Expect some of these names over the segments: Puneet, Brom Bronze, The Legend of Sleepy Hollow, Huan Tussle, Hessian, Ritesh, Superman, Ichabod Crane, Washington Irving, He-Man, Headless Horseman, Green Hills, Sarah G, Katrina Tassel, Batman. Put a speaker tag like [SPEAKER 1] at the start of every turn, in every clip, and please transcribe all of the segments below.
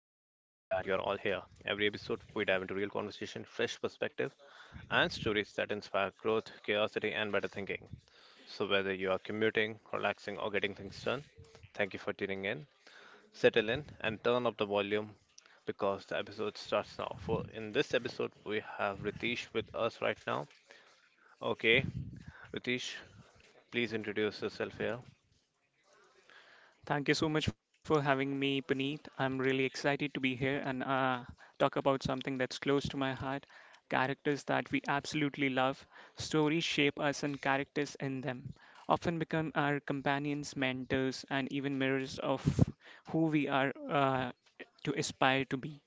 [SPEAKER 1] you're all here. Every episode, we dive into real conversation, fresh perspective, and stories that inspire growth, curiosity, and better thinking. So, whether you are commuting, relaxing, or getting things done, thank you for tuning in. Settle in and turn up the volume because the episode starts now. For in this episode, we have Ritesh with us right now. Okay, Ritesh, please introduce yourself here.
[SPEAKER 2] Thank you so much for having me, Puneet. I'm really excited to be here and talk about something that's close to my heart, characters that we absolutely love. Stories shape us, and characters in them often become our companions, mentors, and even mirrors of who we are to aspire to be.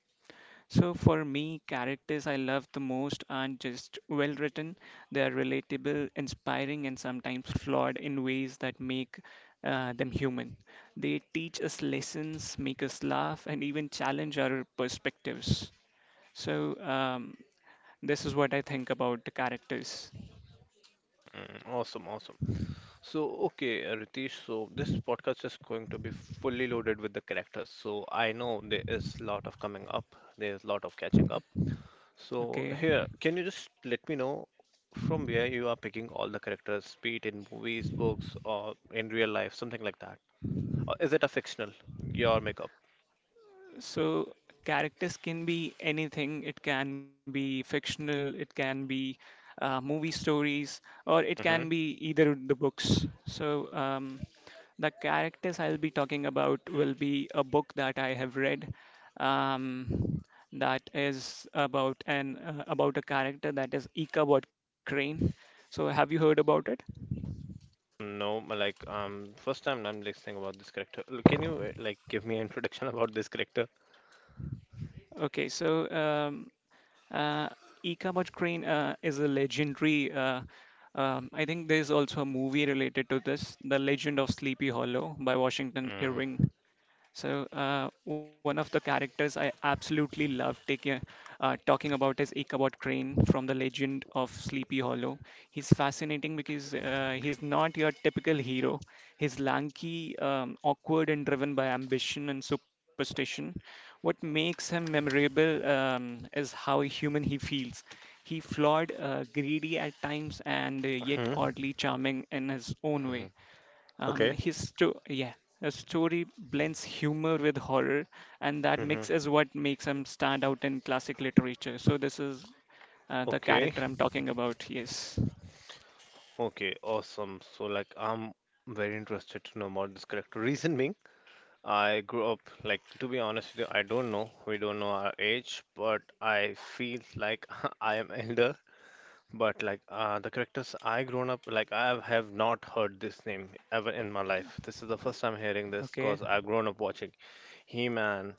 [SPEAKER 2] So for me, characters I love the most aren't just well written, they are relatable, inspiring, and sometimes flawed in ways that make them human. They teach us lessons, make us laugh, and even challenge our perspectives. So um, this is what I think about the characters.
[SPEAKER 1] Awesome, awesome. So, okay, Ritesh, so this podcast is going to be fully loaded with the characters. So, I know there is a lot of coming up, there's a lot of catching up. So,
[SPEAKER 2] Okay.
[SPEAKER 1] here, can you just let me know from where you are picking all the characters, be it in movies, books, or in real life, something like that? Or is it a fictional, your makeup?
[SPEAKER 2] So characters can be anything. It can be fictional, it can be movie stories, or it
[SPEAKER 1] Mm-hmm.
[SPEAKER 2] can be either of the books. The characters I'll be talking about will be a book that I have read. Um, that is about an about a character that is Ichabod Crane. So have you heard about it?
[SPEAKER 1] No, but like, first time I'm listening about this character. Can you, like, give me an introduction about this character?
[SPEAKER 2] Okay, so um, Uh, Ichabod Crane is a legendary. I think there's also a movie related to this, The Legend of Sleepy Hollow by Washington
[SPEAKER 1] Mm-hmm.
[SPEAKER 2] Irving. So one of the characters I absolutely love taking talking about is Ichabod Crane from the Legend of Sleepy Hollow. He's fascinating because he's not your typical hero. He's lanky, awkward, and driven by ambition and superstition. What makes him memorable is how human he feels. He flawed, greedy at times, and yet
[SPEAKER 1] Mm-hmm.
[SPEAKER 2] oddly charming in his own
[SPEAKER 1] Mm-hmm.
[SPEAKER 2] way. Um,
[SPEAKER 1] Okay.
[SPEAKER 2] his sto- yeah, a story blends humor with horror, and that
[SPEAKER 1] Mm-hmm.
[SPEAKER 2] mix is what makes him stand out in classic literature. So this is the
[SPEAKER 1] Okay,
[SPEAKER 2] character I'm talking about. Yes.
[SPEAKER 1] okay, awesome. So like I'm very interested to know about this character. Reason being, I grew up like to be honest with you, I don't know. We don't know our age, but I feel like I am elder. But like the characters I grown up like I have not heard this name ever in my life. This is the first time hearing
[SPEAKER 2] Okay.
[SPEAKER 1] this because I've grown up watching He-Man.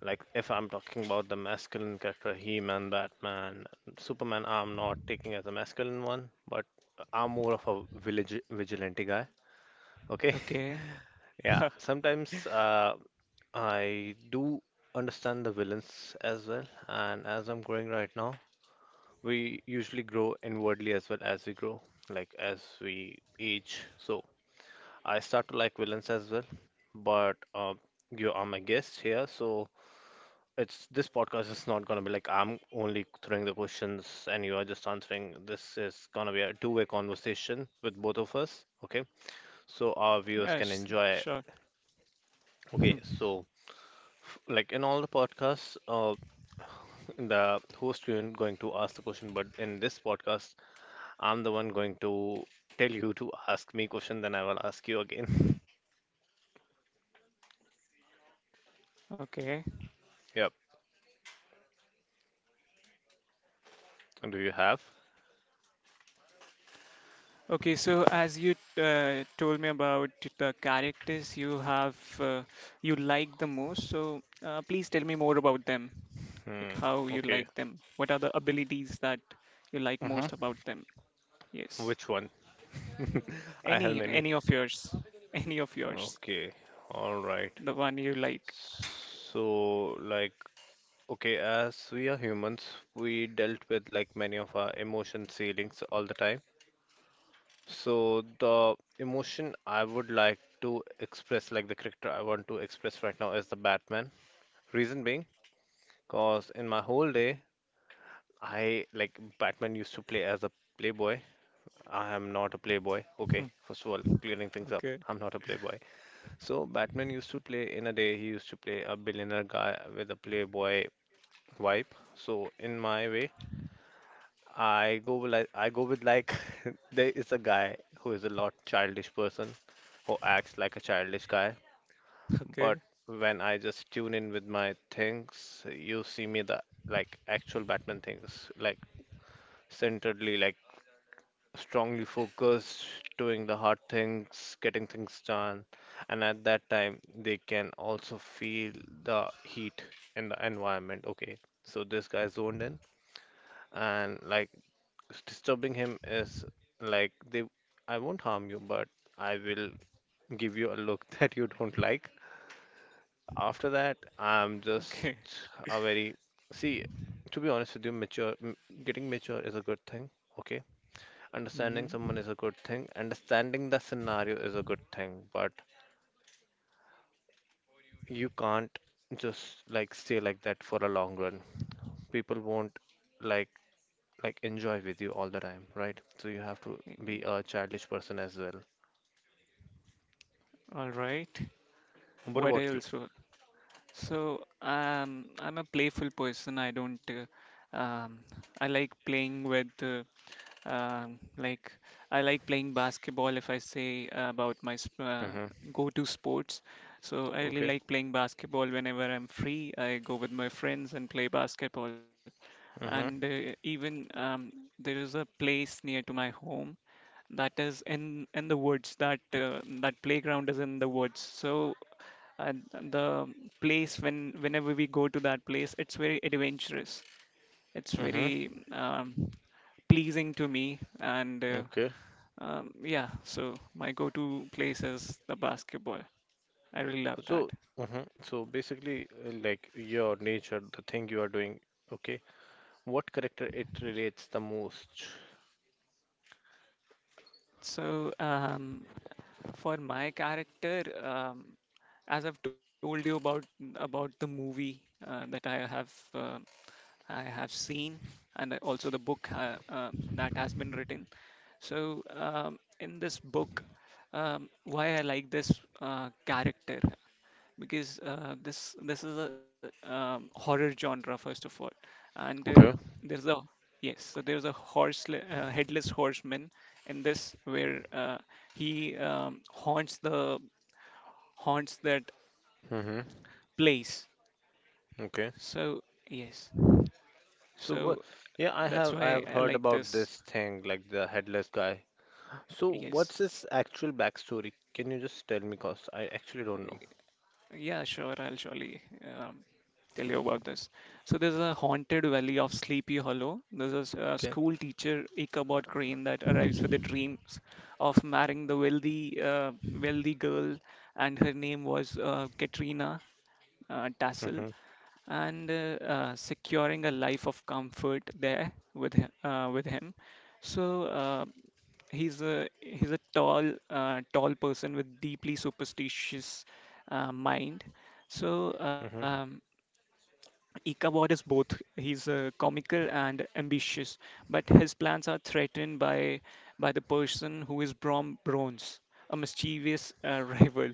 [SPEAKER 1] Like, if I'm talking about the masculine character, He-Man, Batman, Superman, I'm not taking as a masculine one, but I'm more of a village vigilante guy. Okay,
[SPEAKER 2] Okay.
[SPEAKER 1] yeah.
[SPEAKER 2] yeah.
[SPEAKER 1] Sometimes I do understand the villains as well, and as I'm growing right now, we usually grow inwardly as well as we grow, like as we age. So I start to like villains as well, but you are my guest here, so It's this podcast is not gonna be like I'm only throwing the questions and you are just answering. This is gonna be a two-way conversation with both of us, okay? So our viewers can
[SPEAKER 2] s-
[SPEAKER 1] enjoy.
[SPEAKER 2] Sure. Hmm.
[SPEAKER 1] Okay, so like in all the podcasts, the host isn't going to ask the question, but in this podcast, I'm the one going to tell you to ask me question, then I will ask you again.
[SPEAKER 2] Okay.
[SPEAKER 1] Yep. Do you have?
[SPEAKER 2] Okay. So as you told me about the characters you have, you like the most. So please tell me more about them.
[SPEAKER 1] Hmm.
[SPEAKER 2] Like how you
[SPEAKER 1] Okay.
[SPEAKER 2] like them. What are the abilities that you like most about them? Yes.
[SPEAKER 1] Which one? I have
[SPEAKER 2] Any
[SPEAKER 1] many.
[SPEAKER 2] any of yours, any of yours,
[SPEAKER 1] Okay. All right.
[SPEAKER 2] the one you like.
[SPEAKER 1] So, like, okay, as we are humans, we dealt with like many of our emotion feelings all the time. So, the emotion I would like to express, like the character I want to express right now, is the Batman. Reason being, cause in my whole day, I like Batman used to play as a playboy. I am not a playboy. Okay,
[SPEAKER 2] Hmm,
[SPEAKER 1] first of all, clearing things up.
[SPEAKER 2] okay,
[SPEAKER 1] I'm not a playboy. So Batman used to play in a day. He used to play a billionaire guy with a playboy vibe. So in my way, I go with like there is a guy who is a lot childish person who acts like a childish guy, but
[SPEAKER 2] okay,
[SPEAKER 1] when I just tune in with my things, you see me the like actual Batman things, like centeredly, like strongly focused, doing the hard things, getting things done, and at that time they can also feel the heat in the environment. Okay, so this guy zoned in and like disturbing him is like they I won't harm you, but I will give you a look that you don't like. After that, I'm
[SPEAKER 2] okay.
[SPEAKER 1] just a very see, to be honest with you, mature getting mature is a good thing. Okay, understanding
[SPEAKER 2] Mhm.
[SPEAKER 1] someone is a good thing. Understanding the scenario is a good thing, but you can't just like stay like that for a long run. People won't like like enjoy with you all the time, right? So you have to be a childish person as well.
[SPEAKER 2] All right.
[SPEAKER 1] What
[SPEAKER 2] What
[SPEAKER 1] about you?
[SPEAKER 2] else? Wa- So, I'm a playful person. I don't. Um, I like playing with. Like I like playing basketball. If I say about my
[SPEAKER 1] Mm-hmm.
[SPEAKER 2] go-to sports, so I really
[SPEAKER 1] Okay.
[SPEAKER 2] like playing basketball. Whenever I'm free, I go with my friends and play basketball. And
[SPEAKER 1] Mm-hmm.
[SPEAKER 2] even there is a place near to my home that is in the woods. That playground is in the woods. So the place when whenever we go to that place, it's very adventurous. It's
[SPEAKER 1] Mm-hmm.
[SPEAKER 2] very pleasing to me, and uh,
[SPEAKER 1] Okay.
[SPEAKER 2] um, yeah, so my go-to place is the basketball. I really love that.
[SPEAKER 1] So, so basically, like your nature, the thing you are doing, okay, what character it relates the most?
[SPEAKER 2] So, for my character, as I've told you about the movie that I have seen, and also the book that has been written. In this book, why I like this character, because this is a horror genre first of all, and
[SPEAKER 1] Okay.
[SPEAKER 2] there's a yes, so there's a horse headless horseman in this where he haunts the haunts that
[SPEAKER 1] Mm-hmm.
[SPEAKER 2] place.
[SPEAKER 1] Okay.
[SPEAKER 2] So yes,
[SPEAKER 1] So what?
[SPEAKER 2] so
[SPEAKER 1] Yeah, I
[SPEAKER 2] that's
[SPEAKER 1] have I
[SPEAKER 2] why
[SPEAKER 1] have
[SPEAKER 2] I
[SPEAKER 1] heard
[SPEAKER 2] like
[SPEAKER 1] about
[SPEAKER 2] this.
[SPEAKER 1] this thing, like the headless guy. So
[SPEAKER 2] Yes,
[SPEAKER 1] what's his actual backstory? Can you just tell me, cause I actually don't know.
[SPEAKER 2] yeah, sure. I'll surely um, tell you about this. So there's a haunted valley of Sleepy Hollow. There's a, s- a
[SPEAKER 1] Okay.
[SPEAKER 2] school teacher Ichabod Crane that arrives with the dreams of marrying the wealthy girl, and her name was Katrina Tassel,
[SPEAKER 1] Mm-hmm.
[SPEAKER 2] and securing a life of comfort there with with him. So. He's a tall tall person with deeply superstitious mind, so
[SPEAKER 1] Mm-hmm.
[SPEAKER 2] um, Ichabod is both he's comical and ambitious, but his plans are threatened by the person who is Brom Bronze, a mischievous rival,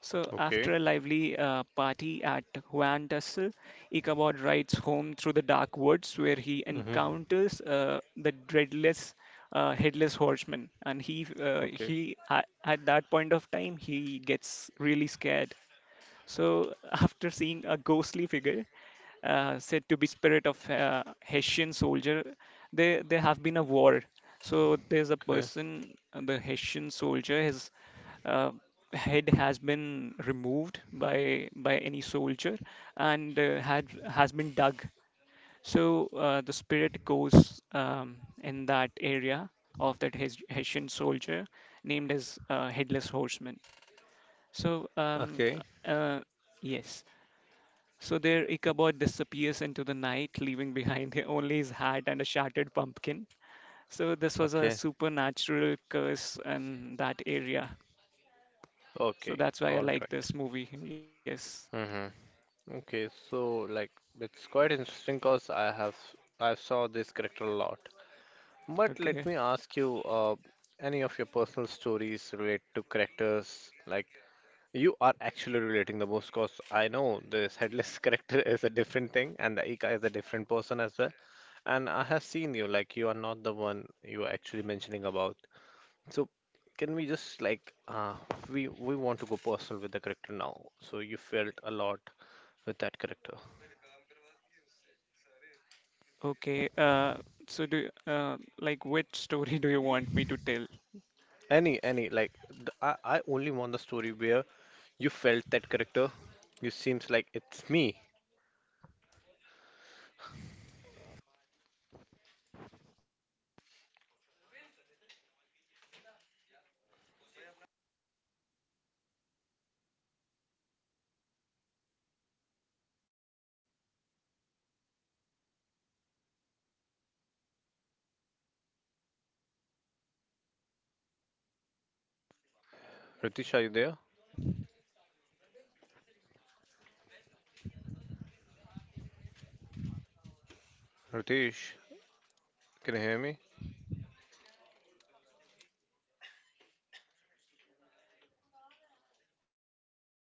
[SPEAKER 2] so,
[SPEAKER 1] Okay.
[SPEAKER 2] after a lively party at Huan Tussle, Ichabod rides home through the dark woods where he
[SPEAKER 1] Mm-hmm.
[SPEAKER 2] encounters the dreadless headless horseman. And he,
[SPEAKER 1] Okay.
[SPEAKER 2] at that point of time, he gets really scared. So, after seeing a ghostly figure, said to be spirit of Hessian soldier. There have been a war, so there's a
[SPEAKER 1] Okay.
[SPEAKER 2] person, the Hessian soldier, his uh, head has been removed by any soldier, and had has been dug. So the spirit goes in that area of that Hessian soldier named as Headless Horseman. So um,
[SPEAKER 1] Okay.
[SPEAKER 2] uh, yes. So there, Ichabod disappears into the night, leaving behind only his hat and a shattered pumpkin. So this was a
[SPEAKER 1] Okay.
[SPEAKER 2] supernatural curse in that area. So
[SPEAKER 1] Okay.
[SPEAKER 2] that's why I
[SPEAKER 1] All
[SPEAKER 2] like
[SPEAKER 1] right.
[SPEAKER 2] this movie. Yes.
[SPEAKER 1] Mm-hmm. Okay, so like it's quite interesting because I saw this character a lot. But
[SPEAKER 2] Okay.
[SPEAKER 1] let me ask you, any of your personal stories relate to characters like you are actually relating the most? Because I know this headless character is a different thing, and the Ika is a different person as well. And I have seen you like you are not the one you are actually mentioning about. So can we just like we want to go personal with the character now? So you felt a lot with that character.
[SPEAKER 2] Okay. So do like which story do you want me to tell?
[SPEAKER 1] Like I only want the story where you felt that character. You seems like it's me.
[SPEAKER 2] Hello. Hello.
[SPEAKER 1] Ritesh, are you there? Ritesh, can you hear me?
[SPEAKER 2] Hello.